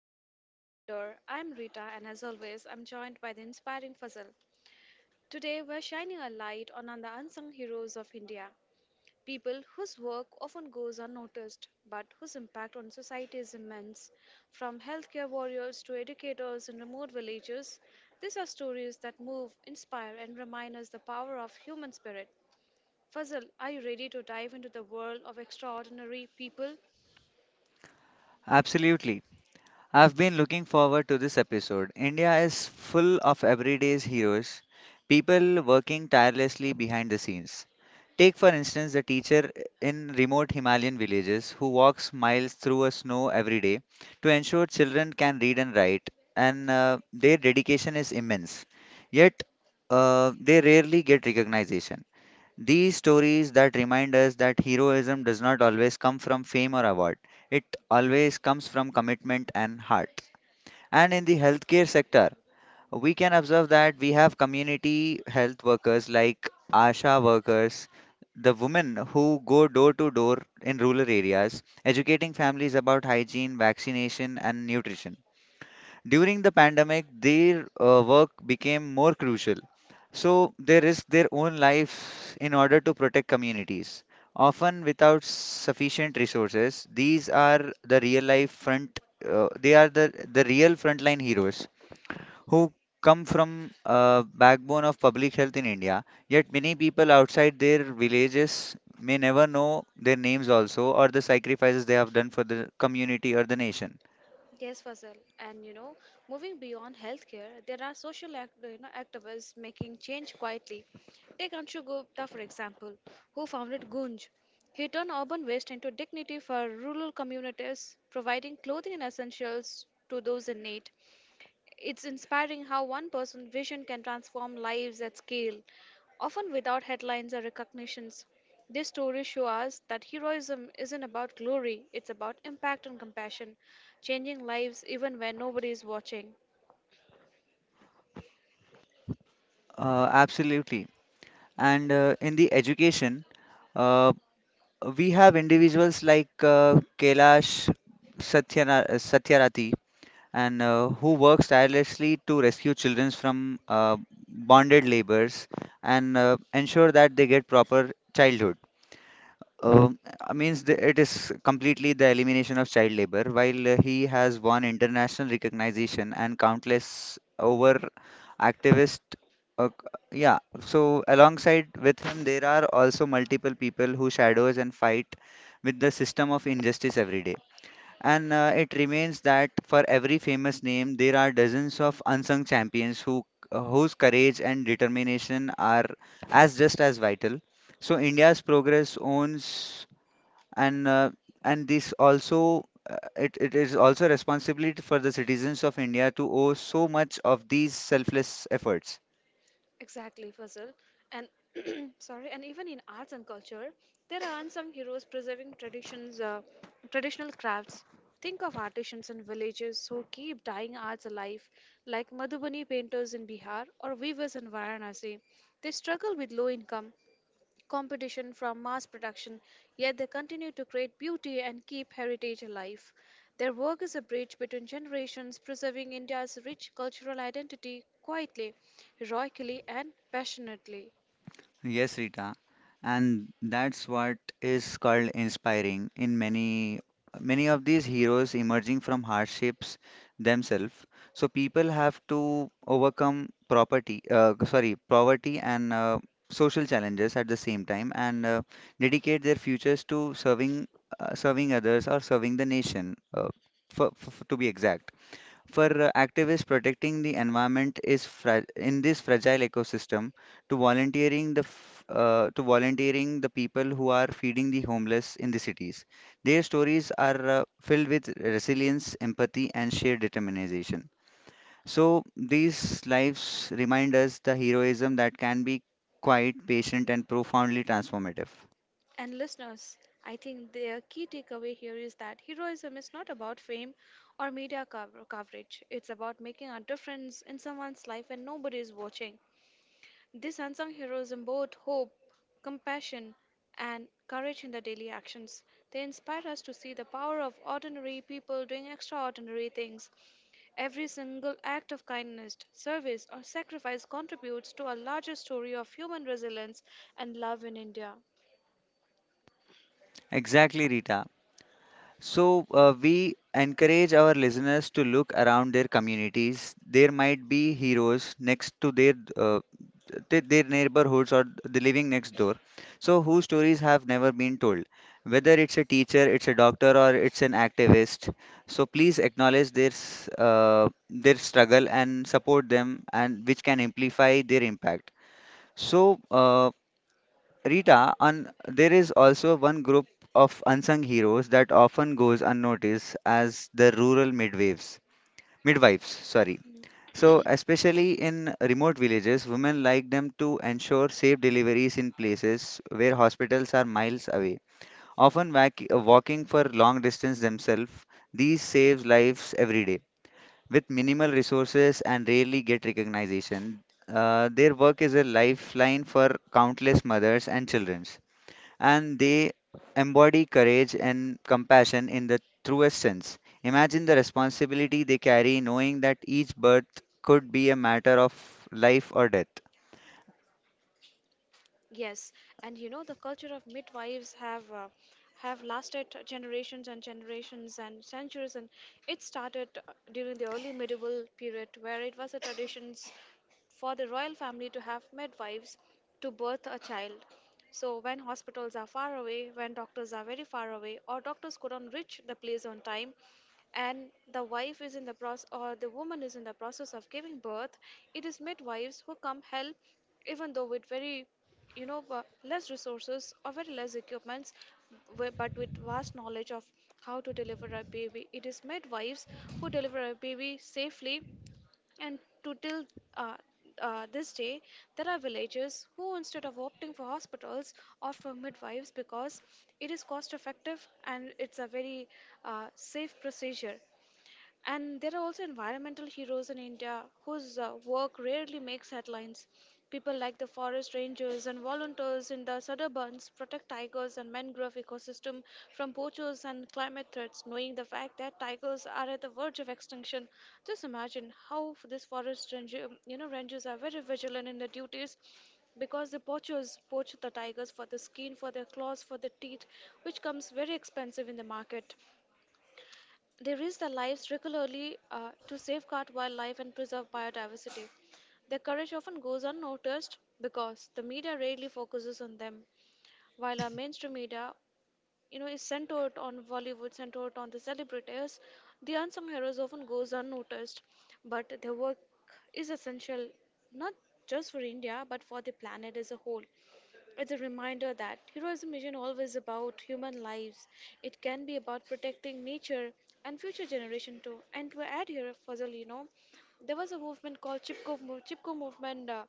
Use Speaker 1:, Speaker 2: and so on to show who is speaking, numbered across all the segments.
Speaker 1: Voices of Valor. I'm Rita, and as always, I'm joined by the inspiring Fazal. Today, we're shining a light on the unsung heroes of India, people whose work often goes unnoticed, but whose impact on society is immense. From healthcare warriors to educators in remote villages, these are stories that move, inspire, and remind us the power of human spirit. Fazal, are you ready to dive into the world of extraordinary people?
Speaker 2: Absolutely. I've been looking forward to this episode. India is full of everyday heroes, people working tirelessly behind the scenes. Take, for instance, the teacher in remote Himalayan villages who walks miles through a snow every day to ensure children can read and write, and their dedication is immense. Yet, they rarely get recognition. These stories that remind us that heroism does not always come from fame or award, it always comes from commitment and heart. And in the healthcare sector, we can observe that we have community health workers like ASHA workers, the women who go door to door in rural areas, educating families about hygiene, vaccination, and nutrition. During the pandemic, their work became more crucial. So they risked their own lives in order to protect communities. Often without sufficient resources, these are the real life front. They are the real frontline heroes who come from a backbone of public health in India. Yet many people outside their villages may never know their names also or the sacrifices they have done for the community or the nation.
Speaker 1: Yes, Fazal. And you know, moving beyond healthcare, there are social activists making change quietly. Take Anshu Gupta, for example, who founded Gunj. He turned urban waste into dignity for rural communities, providing clothing and essentials to those in need. It's inspiring how one person's vision can transform lives at scale, often without headlines or recognitions. These stories show us that heroism isn't about glory, it's about impact and compassion, changing lives even when nobody is watching.
Speaker 2: Absolutely. And in the education, uh, we have individuals like Kailash Satyarati and who works tirelessly to rescue children from bonded labors and ensure that they get proper childhood. Um, means the, it is completely the elimination of child labor, while he has won international recognition and countless over activist. Uh, yeah, so alongside with him, there are also multiple people who shadows and fight with the system of injustice every day. And it remains that for every famous name, there are dozens of unsung champions who whose courage and determination are as just as vital. So India's progress owns and uh, and this also it is also responsibility for the citizens of India to owe so much of these selfless efforts.
Speaker 1: Exactly, Fazal. And sorry, and even in arts and culture, there are some heroes preserving traditions, traditional crafts. Think of artisans in villages who keep dying arts alive, like Madhubani painters in Bihar or weavers in Varanasi. They struggle with low income, competition from mass production, yet they continue to create beauty and keep heritage alive. Their work is a bridge between generations, preserving India's rich cultural identity quietly, heroically, and passionately.
Speaker 2: Yes, Rita, and that's what is called inspiring in many of these heroes emerging from hardships themselves. So people have to overcome property, sorry, poverty and social challenges at the same time, and dedicate their futures to serving serving others or serving the nation, for, to be exact. For activists protecting the environment is in this fragile ecosystem, to volunteering to volunteering the people who are feeding the homeless in the cities. Their stories are filled with resilience, empathy, and sheer determination. So these lives remind us the heroism that can be quite patient and profoundly transformative.
Speaker 1: And listeners, I think their key takeaway here is that heroism is not about fame or media coverage. It's about making a difference in someone's life and nobody is watching. These unsung heroes embody hope, compassion, and courage in their daily actions. They inspire us to see the power of ordinary people doing extraordinary things. Every single act of kindness, service, or sacrifice contributes to a larger story of human resilience and love in India.
Speaker 2: Exactly, Rita. So, we encourage our listeners to look around their communities. There might be heroes next to their their neighborhoods or the living next door. So, whose stories have never been told? Whether it's a teacher, it's a doctor, or it's an activist. So, please acknowledge their their struggle and support them, and which can amplify their impact. So, Rita, and there is also one group of unsung heroes that often goes unnoticed as the rural midwives. Midwives, sorry. So, especially in remote villages, women like them to ensure safe deliveries in places where hospitals are miles away. Often walking for long distance themselves, these saves lives every day. With minimal resources and rarely get recognition, their work is a lifeline for countless mothers and children and they embody courage and compassion in the truest sense. Imagine the responsibility they carry, knowing that each birth could be a matter of life or death.
Speaker 1: Yes, and you know the culture of midwives have lasted generations and generations and centuries, and it started during the early medieval period, where it was a tradition for the royal family to have midwives to birth a child. So when hospitals are far away, when doctors are very far away, or doctors couldn't reach the place on time, and the wife is in the process or the woman is in the process of giving birth, it is midwives who come help even though with very less resources or very less equipments but with vast knowledge of how to deliver a baby, it is midwives who deliver a baby safely and to till uh, this day there are villagers who, instead of opting for hospitals, opt for midwives because it is cost effective and it's a very safe procedure. And there are also environmental heroes in India whose work rarely makes headlines. People like the forest rangers and volunteers in the Sudderbans protect tigers and mangrove ecosystem from poachers and climate threats, knowing the fact that tigers are at the verge of extinction. Just imagine how these forest ranger, you know, rangers are very vigilant in their duties because the poachers poach the tigers for the skin, for their claws, for the teeth, which comes very expensive in the market. They risk their lives regularly to safeguard wildlife and preserve biodiversity. Their courage often goes unnoticed because the media rarely focuses on them, while our mainstream media, you know, is centered on Bollywood, centered on the celebrities. The unsung heroes often goes unnoticed, but their work is essential not just for India but for the planet as a whole. It's a reminder that heroism isn't always about human lives. It can be about protecting nature and future generation too. And to add here, Fazal, you know, there was a movement called Chipko, Chipko movement.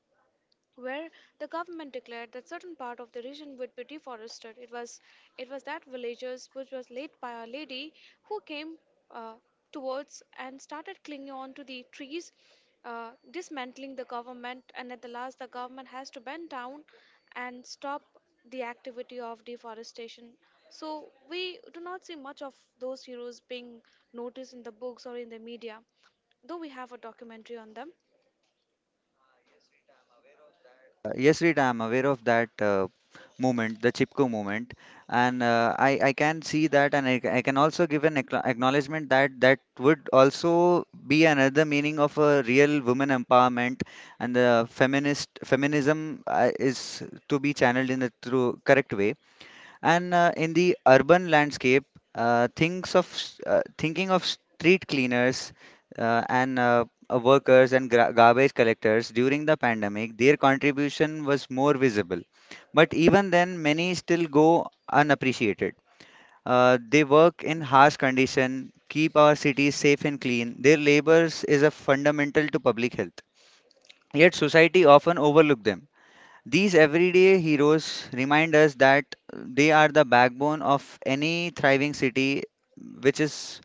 Speaker 1: Where the government declared that certain part of the region would be deforested. It was that villagers which was led by a lady who came uh, towards and started clinging on to the trees, dismantling the government, and at the last the government has to bend down and stop the activity of deforestation. So we do not see much of those heroes being noticed in the books or in the media, though we have a documentary on them.
Speaker 2: Yes, Rita, I'm aware of that movement, the Chipko movement, and uh, I can see that, and I can also give an acknowledgement that that would also be another meaning of a real woman empowerment and the feminist feminism is to be channeled in the true correct way. And in the urban landscape, thinking of street cleaners and workers and garbage collectors during the pandemic, their contribution was more visible. But even then, many still go unappreciated. They work in harsh condition, keep our cities safe and clean. Their labors is a fundamental to public health. Yet society often overlook them. These everyday heroes remind us that they are the backbone of any thriving city which is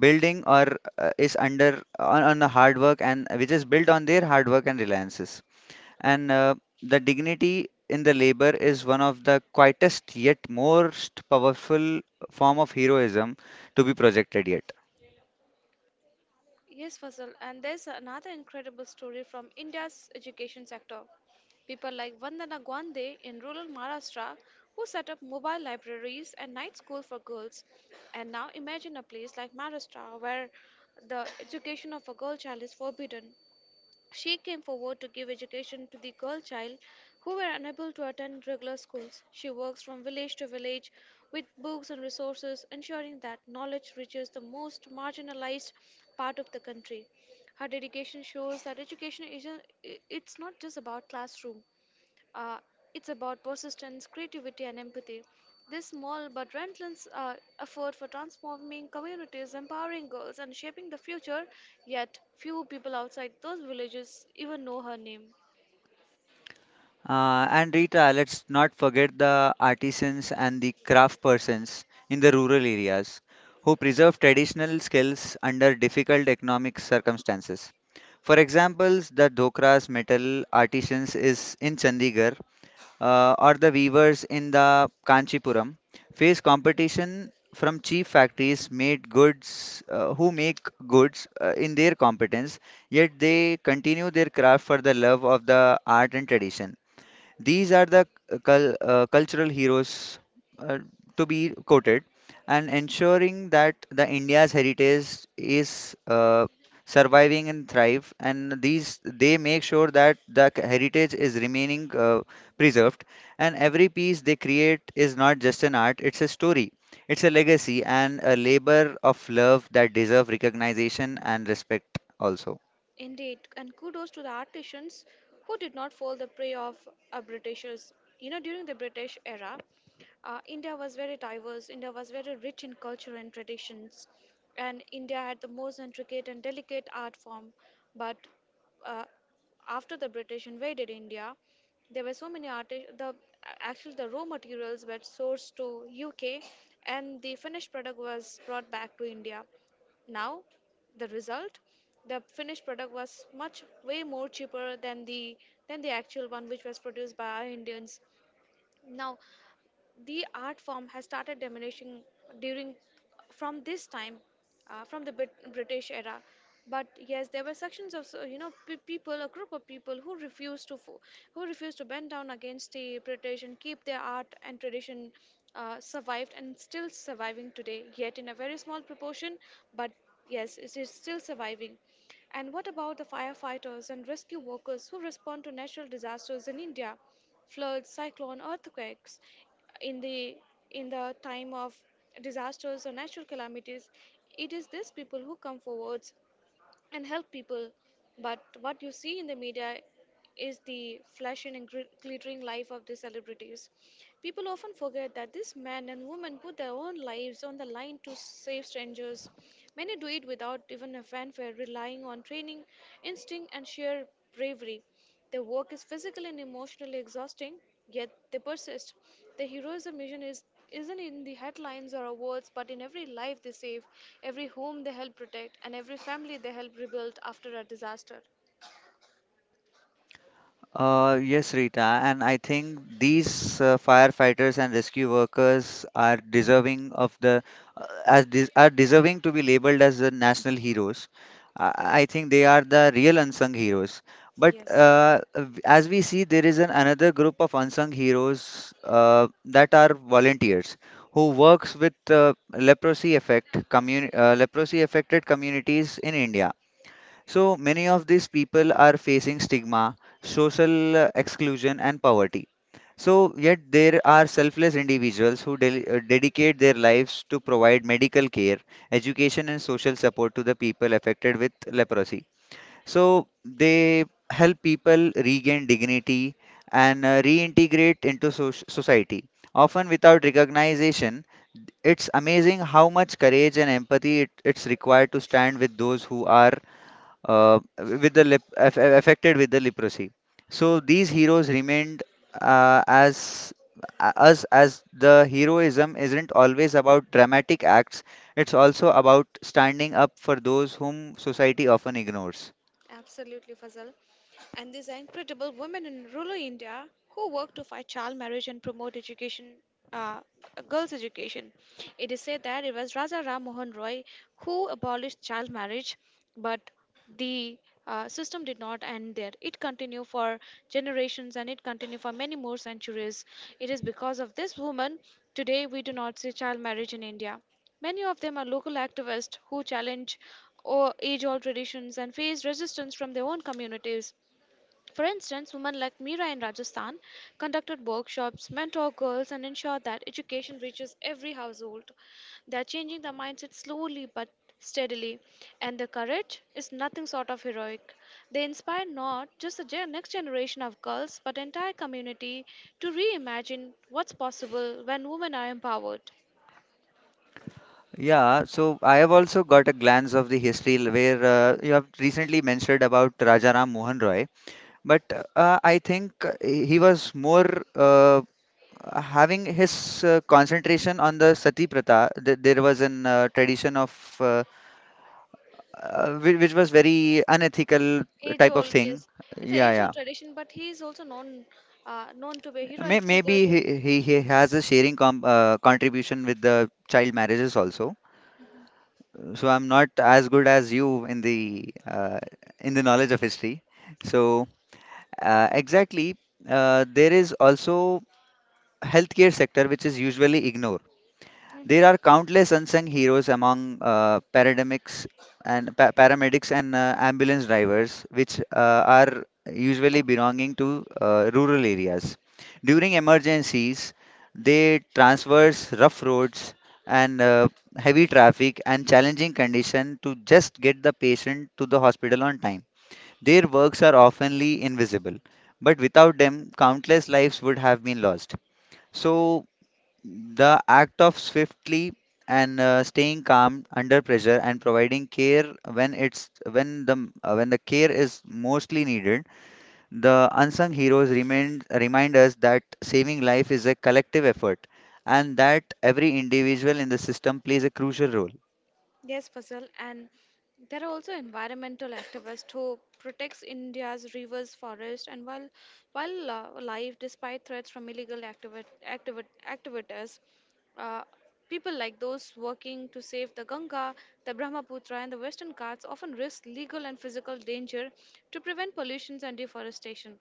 Speaker 2: building or is under on the hard work and which is built on their hard work and reliances. And the dignity in the labor is one of the quietest yet most powerful form of heroism to be projected yet.
Speaker 1: Yes, Fazal, and there's another incredible story from India's education sector. People like Vandana Gwande in rural Maharashtra who set up mobile libraries and night school for girls. And now imagine a place like Maharashtra where the education of a girl child is forbidden. She came forward to give education to the girl child who were unable to attend regular schools. She works from village to village with books and resources, ensuring that knowledge reaches the most marginalized part of the country. Her dedication shows that education isn't I- it's not just about classroom. Uh, it's about persistence, creativity, and empathy. This small but relentless effort for transforming communities, empowering girls, and shaping the future, yet few people outside those villages even know her name.
Speaker 2: And Rita, let's not forget the artisans and the craft persons in the rural areas who preserve traditional skills under difficult economic circumstances. For examples, the dokras metal artisans is in Chandigarh or the weavers in the Kanchipuram face competition from cheap factories made goods who make goods in their competence, yet they continue their craft for the love of the art and tradition. These are the cultural heroes uh, to be quoted, and ensuring that the India's heritage is surviving and thrive. And these they make sure that the heritage is remaining preserved. And every piece they create is not just an art; it's a story. It's a legacy and a labor of love that deserve recognition and respect also.
Speaker 1: Indeed, and kudos to the artisans who did not fall the prey of Britishers. You know, during the British era, India was very diverse. India was very rich in culture and traditions, and India had the most intricate and delicate art form. But uh, after the British invaded India, there were so many artists. The Actually the raw materials were sourced to UK, and the finished product was brought back to India. Now the result the finished product was much way more cheaper than the actual one which was produced by our indians. Now the art form has started diminishing during from this time, from the british era. But yes, there were sections of, so, you know, people, a group of people who who refused to bend down against the british and keep their art and tradition survived and still surviving today, yet in a very small proportion. But yes, it is still surviving. And what about the firefighters and rescue workers who respond to natural disasters in india: floods, cyclone, earthquakes. In the in the time of disasters or natural calamities, it is these people who come forwards and help people. But what you see in the media is the flash and glittering life of the celebrities. People often forget that these men and women put their own lives on the line to save strangers. Many do it without even a fanfare, relying on training, instinct, and sheer bravery. Their work is physically and emotionally exhausting, yet they persist. Their heroism mission is Isn't in the headlines or awards, but in every life they save, every home they help protect, and every family they help rebuild after a disaster.
Speaker 2: Yes, Rita, and I think these firefighters and rescue workers are deserving of the are deserving to be labeled as the national heroes. I
Speaker 1: Correct.
Speaker 2: I think they are the real unsung heroes. But
Speaker 1: Yes.
Speaker 2: as we see, there is an another group of unsung heroes that are volunteers who works with leprosy affected communities in India. So many of these people are facing stigma, social exclusion, and poverty. So, yet there are selfless individuals who dedicate their lives to provide medical care, education, and social support to the people affected with leprosy. So, they help people regain dignity and reintegrate into society, often without recognition. It's amazing how much courage and empathy it's required to stand with those who are with the lep- aff- affected with the leprosy. So these heroes remained as us as the heroism isn't always about dramatic acts. It's also about standing up for those whom society often ignores.
Speaker 1: Absolutely, Fazal. And these are incredible women in rural India who work to fight child marriage and promote education, uh, girls' education. It is said that it was Raja Ram Mohan Roy who abolished child marriage, but the system did not end there. It continued for generations and it continued for many more centuries. It is because of this woman today we do not see child marriage in India. Many of them are local activists who challenge age-old traditions and face resistance from their own communities. For instance, women like Meera in Rajasthan conducted workshops, mentor girls, and ensured that education reaches every household. They are changing the mindset slowly but steadily, and their courage is nothing short of heroic. They inspire not just the next generation of girls, but entire community to reimagine what's possible when women are empowered.
Speaker 2: Yeah, so I have also got a glance of the history where you have recently mentioned about Rajaram Mohan Roy, but I think uh, he was more uh, having his concentration on the sati pratha, there was an tradition of uh, which was very unethical
Speaker 1: Age
Speaker 2: type of
Speaker 1: old,
Speaker 2: thing.
Speaker 1: yes, it's an
Speaker 2: Yeah,
Speaker 1: age old
Speaker 2: yeah.
Speaker 1: tradition, but he is also known, known to be a heroic figure.
Speaker 2: Maybe
Speaker 1: To,
Speaker 2: he has a sharing contribution with the child marriages also. So I'm not as good as you in the knowledge of history. So exactly, there is also healthcare sector which is usually ignored. There
Speaker 1: mhm.
Speaker 2: are countless unsung heroes among paramedics and ambulance drivers, which are usually belonging to rural areas. During emergencies, they traverse rough roads and heavy traffic and challenging condition to just get the patient to the hospital on time. Their works are oftenly invisible, but without them, countless lives would have been lost. So the act of swiftly and staying calm under pressure and providing care when the care is mostly needed, the unsung heroes remind us that saving life is a collective effort and that every individual in the system plays a crucial role.
Speaker 1: Yes, Fazal, and there are also environmental activists who protects India's rivers, forests, and while alive despite threats from illegal activities. Uh, People like those working to save the Ganga, the Brahmaputra, and the Western Ghats often risk legal and physical danger to prevent pollution and deforestation.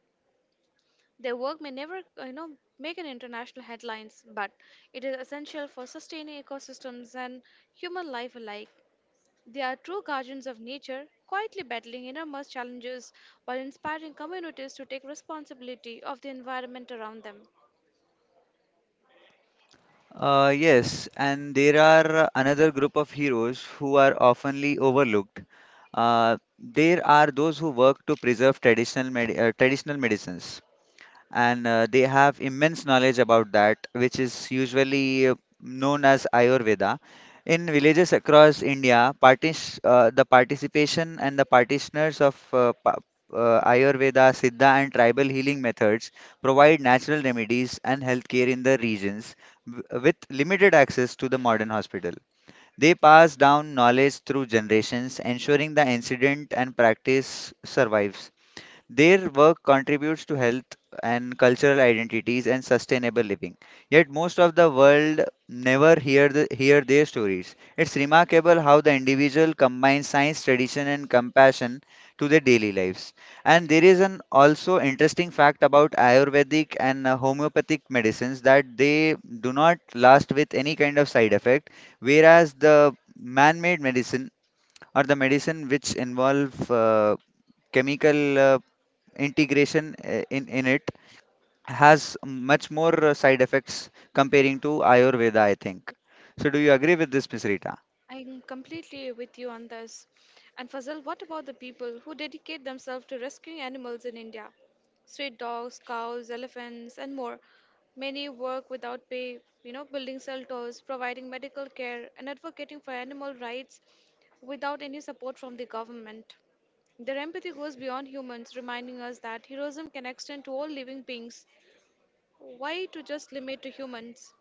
Speaker 1: Their work may never, you know, make an international headlines, but it is essential for sustaining ecosystems and human life alike. They are true guardians of nature, quietly battling enormous challenges while inspiring communities to take responsibility of the environment around them.
Speaker 2: Yes, and there are another group of heroes who are oftenly overlooked. There are those who work to preserve traditional medicines and they have immense knowledge about that, which is usually known as Ayurveda. In villages across India, the participation and the practitioners of Ayurveda, Siddha, and tribal healing methods provide natural remedies and healthcare in the regions with limited access to the modern hospital. They pass down knowledge through generations, ensuring the incident and practice survives. Their work contributes to health and cultural identities and sustainable living. Yet most of the world never hear hear their stories. It's remarkable how the individual combines science, tradition, and compassion to their daily lives. And there is an also interesting fact about Ayurvedic and homeopathic medicines that they do not last with any kind of side effect, whereas the man-made medicine or the medicine which involve chemical integration in it has much more side effects comparing to Ayurveda, I think. So do you agree with this, Miss Rita?
Speaker 1: I'm completely with you on this. And Fazal, what about the people who dedicate themselves to rescuing animals in India? Street dogs, cows, elephants, and more. Many work without pay, you know, building shelters, providing medical care, and advocating for animal rights without any support from the government. Their empathy goes beyond humans, reminding us that heroism can extend to all living beings. Why to just limit to humans?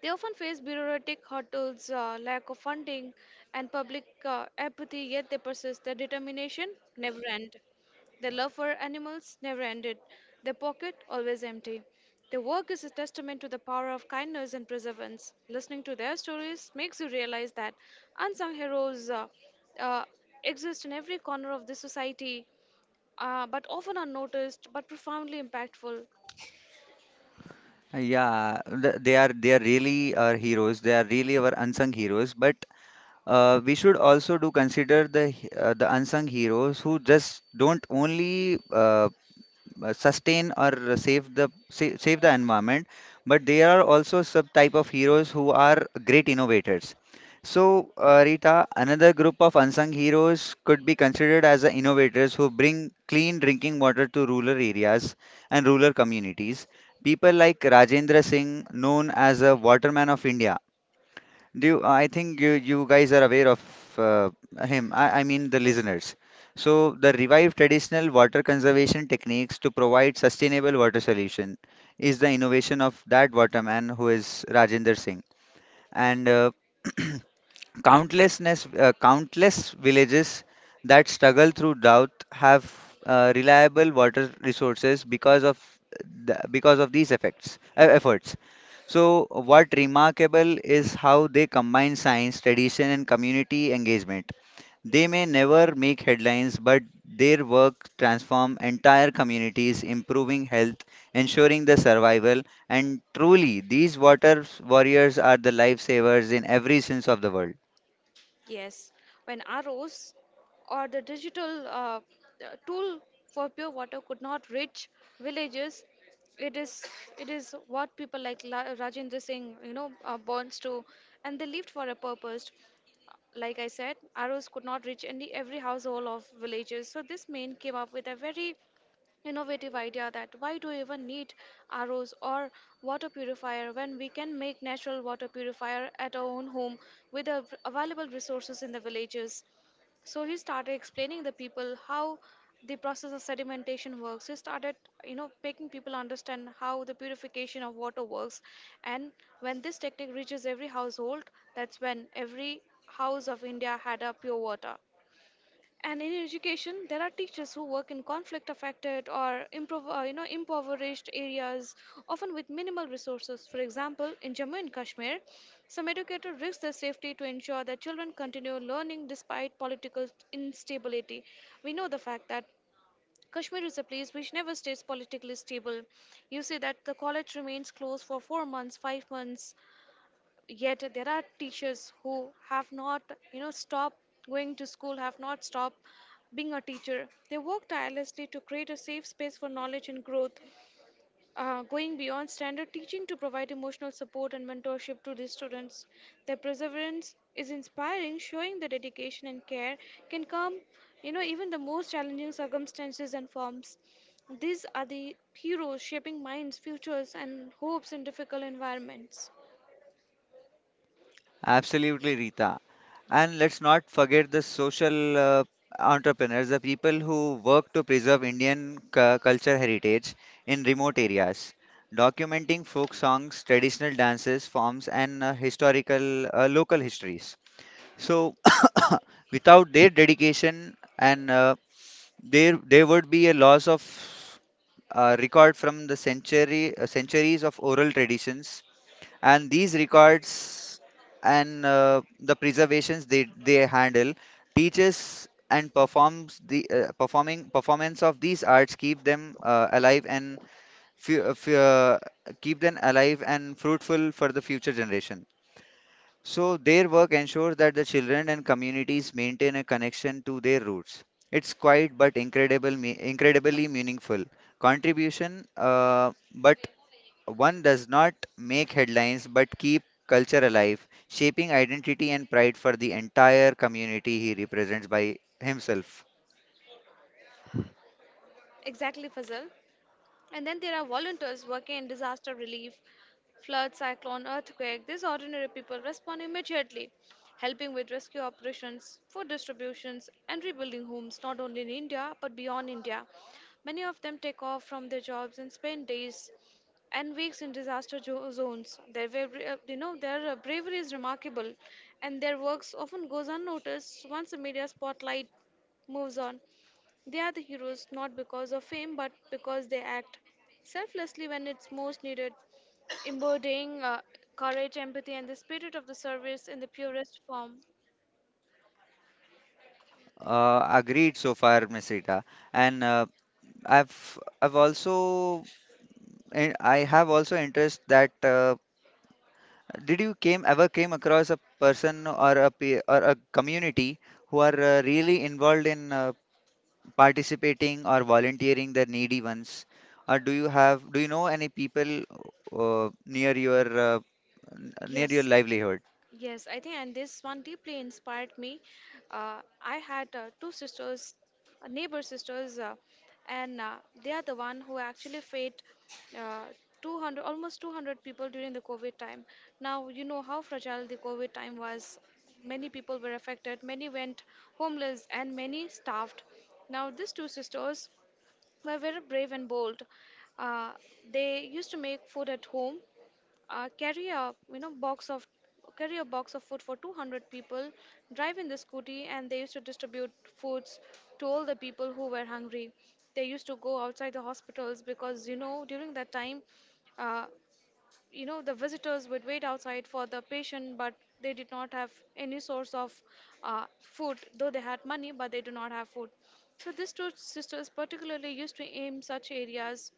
Speaker 1: They often face bureaucratic hurdles, lack of funding, and public apathy, yet they persist. Their determination never ends. Their love for animals never ended. Their pocket always empty. Their work is a testament to the power of kindness and perseverance. Listening to their stories makes you realize that unsung heroes uh, exist in every corner of the society, but often unnoticed but profoundly impactful.
Speaker 2: Yeah, they are really our heroes. They are really our unsung heroes. But we should also do consider the the unsung heroes who just don't only sustain or save the save the environment, but there are also sub type of heroes who are great innovators. So Rita, another group of unsung heroes could be considered as the innovators who bring clean drinking water to rural areas and rural communities. People like Rajendra Singh, known as a waterman of India. I think you guys are aware of uh, him, I mean the
Speaker 1: Yes.
Speaker 2: listeners. So the revived traditional water conservation techniques to provide sustainable water solution is the innovation of that waterman, who is Rajender Singh. And countless villages that struggle through drought have reliable water resources because of because of these effects efforts. So what remarkable is how they combine science, tradition, and community engagement. They may never make headlines, but their work transform entire communities, improving health, ensuring the survival. And truly, these water warriors are the lifesavers in every sense of the world.
Speaker 1: Yes, when arrows or the digital tool for pure water could not reach villages, it is it is what people like Rajendra Singh, you know, bonds to, and they lived for a purpose. Like I said, arrows could not reach any every household of villages, so this man came up with a very innovative idea that why do we even need ROs or water purifier when we can make natural water purifier at our own home with the available resources in the villages. So he started explaining the people how the process of sedimentation works. He started, you know, making people understand how the purification of water works. And when this technique reaches every household, that's when every house of India had a pure water. And in education, there are teachers who work in conflict affected or you know, impoverished areas, often with minimal resources. For example, in Jammu and Kashmir, some educators risk their safety to ensure that children continue learning despite political instability. We know the fact that Kashmir is a place which never stays politically stable. You see that the college remains closed for 4 months, 5 months, yet there are teachers who have not, you know, stopped going to school, have not stopped being a teacher. They work tirelessly to create a safe space for knowledge and growth, going beyond standard teaching to provide emotional support and mentorship to the students. Their perseverance is inspiring, showing that dedication and care can come, you know, even the most challenging circumstances and forms. These are the heroes shaping minds, futures, and hopes in difficult environments.
Speaker 2: Absolutely, Rita. And let's not forget the social entrepreneurs, the people who work to preserve Indian culture heritage in remote areas, documenting folk songs, traditional dances, forms, and historical local histories. So, without their dedication, and there would be a loss of record from the century centuries of oral traditions. And these records and the preservations they handle, teaches and performs the performing performance of these arts, keep them alive and fu- uh, fu- uh, keep them alive and fruitful for the future generation. So their work ensures that the children and communities maintain a connection to their roots. It's quiet but incredibly meaningful contribution, but one does not make headlines but keep culture alive, shaping identity and pride for the entire community he represents by himself.
Speaker 1: Exactly, Fazal. And then there are volunteers working in disaster relief, flood, cyclone, earthquake. These ordinary people respond immediately, helping with rescue operations, food distributions, and rebuilding homes not only in India but beyond India. Many of them take off from their jobs and spend days and weeks in disaster zones. Their bravery, you know, their bravery is remarkable, and their works often goes unnoticed once the media spotlight moves on. They are the heroes not because of fame but because they act selflessly when it's most needed, embodying courage, empathy, and the spirit of the service in the purest form.
Speaker 2: Agreed so far, Miss Rita. And I've also and I have also interest that did you came ever came across a person or a or a community who are really involved in participating or volunteering the needy ones? Or do you have, do you know any people near your near your
Speaker 1: Yes.
Speaker 2: livelihood?
Speaker 1: Yes, I think, and this one deeply inspired me. I had two sisters, neighbor sisters, and they are the one who actually fed uh, 200, almost 200 people during the COVID time. Now, you know how fragile the COVID time was. Many people were affected, many went homeless, and many starved. Now, these two sisters were very brave and bold. Uh, they used to make food at home, carry a, you know, box of food for 200 people, drive in the scooty, and they used to distribute foods to all the people who were hungry. They used to go outside the hospitals because, you know, during that time, uh, you know, the visitors would wait outside for the patient, but they did not have any source of food. Though they had money, but they do not have food. So these two sisters particularly used to aim such areas,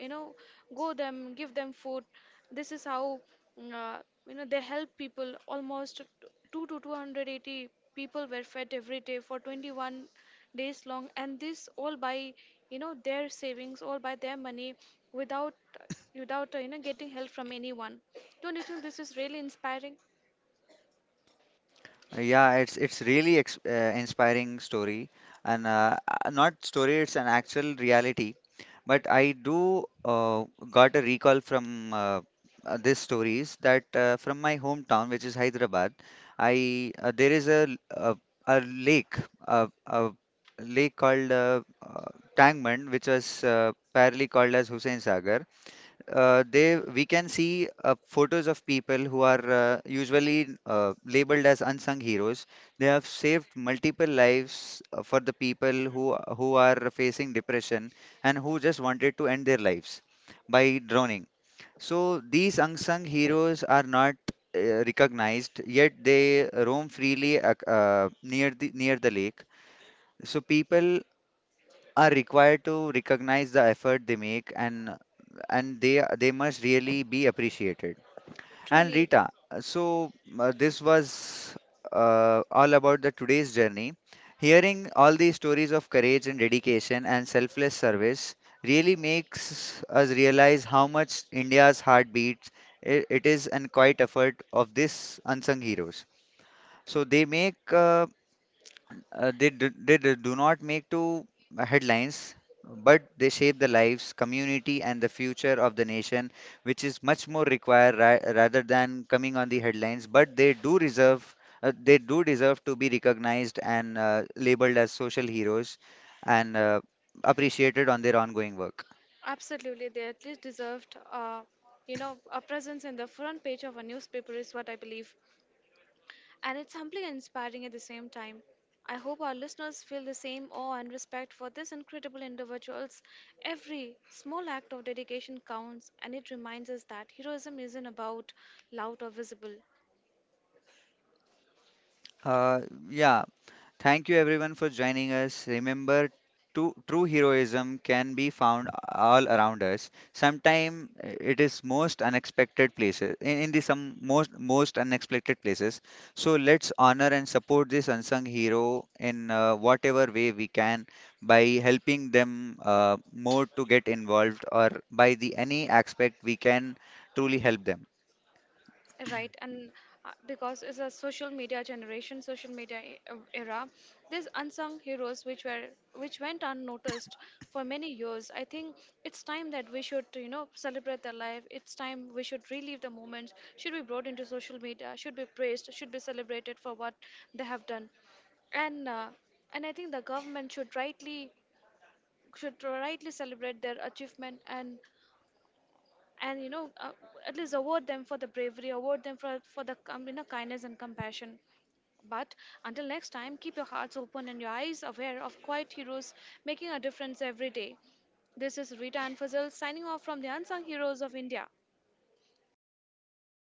Speaker 1: you know, go them, give them food. This is how, mm, uh, you know, they help people. Almost two to 280 people were fed every day for 21 days long, and this all by, you know, their savings, all by their money, without without you know, getting help from anyone. Don't you think this is really inspiring?
Speaker 2: Yeah, it's really ex inspiring story. And not story, it's an actual reality. But I do got a recall from this stories that from my hometown, which is Hyderabad. I there is a, l- a lake, a lake called Tangmand, which was parallelly called as Hussain Sagar. They, we can see photos of people who are usually labeled as unsung heroes. They have saved multiple lives for the people who are facing depression and who just wanted to end their lives by drowning. So these unsung heroes are not recognized, yet they roam freely near the lake. So people are required to recognize the effort they make, and they must really be appreciated. And
Speaker 1: Truly.
Speaker 2: Rita, so this was all about the today's journey. Hearing all these stories of courage and dedication and selfless service really makes us realize how much India's heart beats. It is and quiet effort of these unsung heroes. So they make they do not make to headlines, but they shape the lives, community, and the future of the nation, which is much more required ra rather than coming on the headlines. But they do reserve, they do deserve to be recognized and labeled as social heroes, and appreciated on their ongoing work.
Speaker 1: Absolutely, they at least deserved, you know, a presence in the front page of a newspaper, is what I believe. And it's humbling and inspiring at the same time. I hope our listeners feel the same awe and respect for these incredible individuals. Every small act of dedication counts, and it reminds us that heroism isn't about loud or visible.
Speaker 2: Uh, yeah, thank you everyone for joining us. Remember, true heroism can be found all around us. Sometimes it is most unexpected places, in the some most unexpected places. So let's honor and support this unsung hero in whatever way we can by helping them more to get involved or by the any aspect we can truly help them.
Speaker 1: Right. And because it's a social media generation, social media era, these unsung heroes which were, which went unnoticed for many years, I think it's time that we should, you know, celebrate their life. It's time we should relive the moments, should be brought into social media, should be praised, should be celebrated for what they have done. And and I think the government should rightly, should rightly celebrate their achievement, and, you know, at least award them for the bravery, award them for the you know, kindness and compassion. But until next time, keep your hearts open and your eyes aware of quiet heroes making a difference every day. This is Rita anFazil, signing off from the Unsung Heroes of India.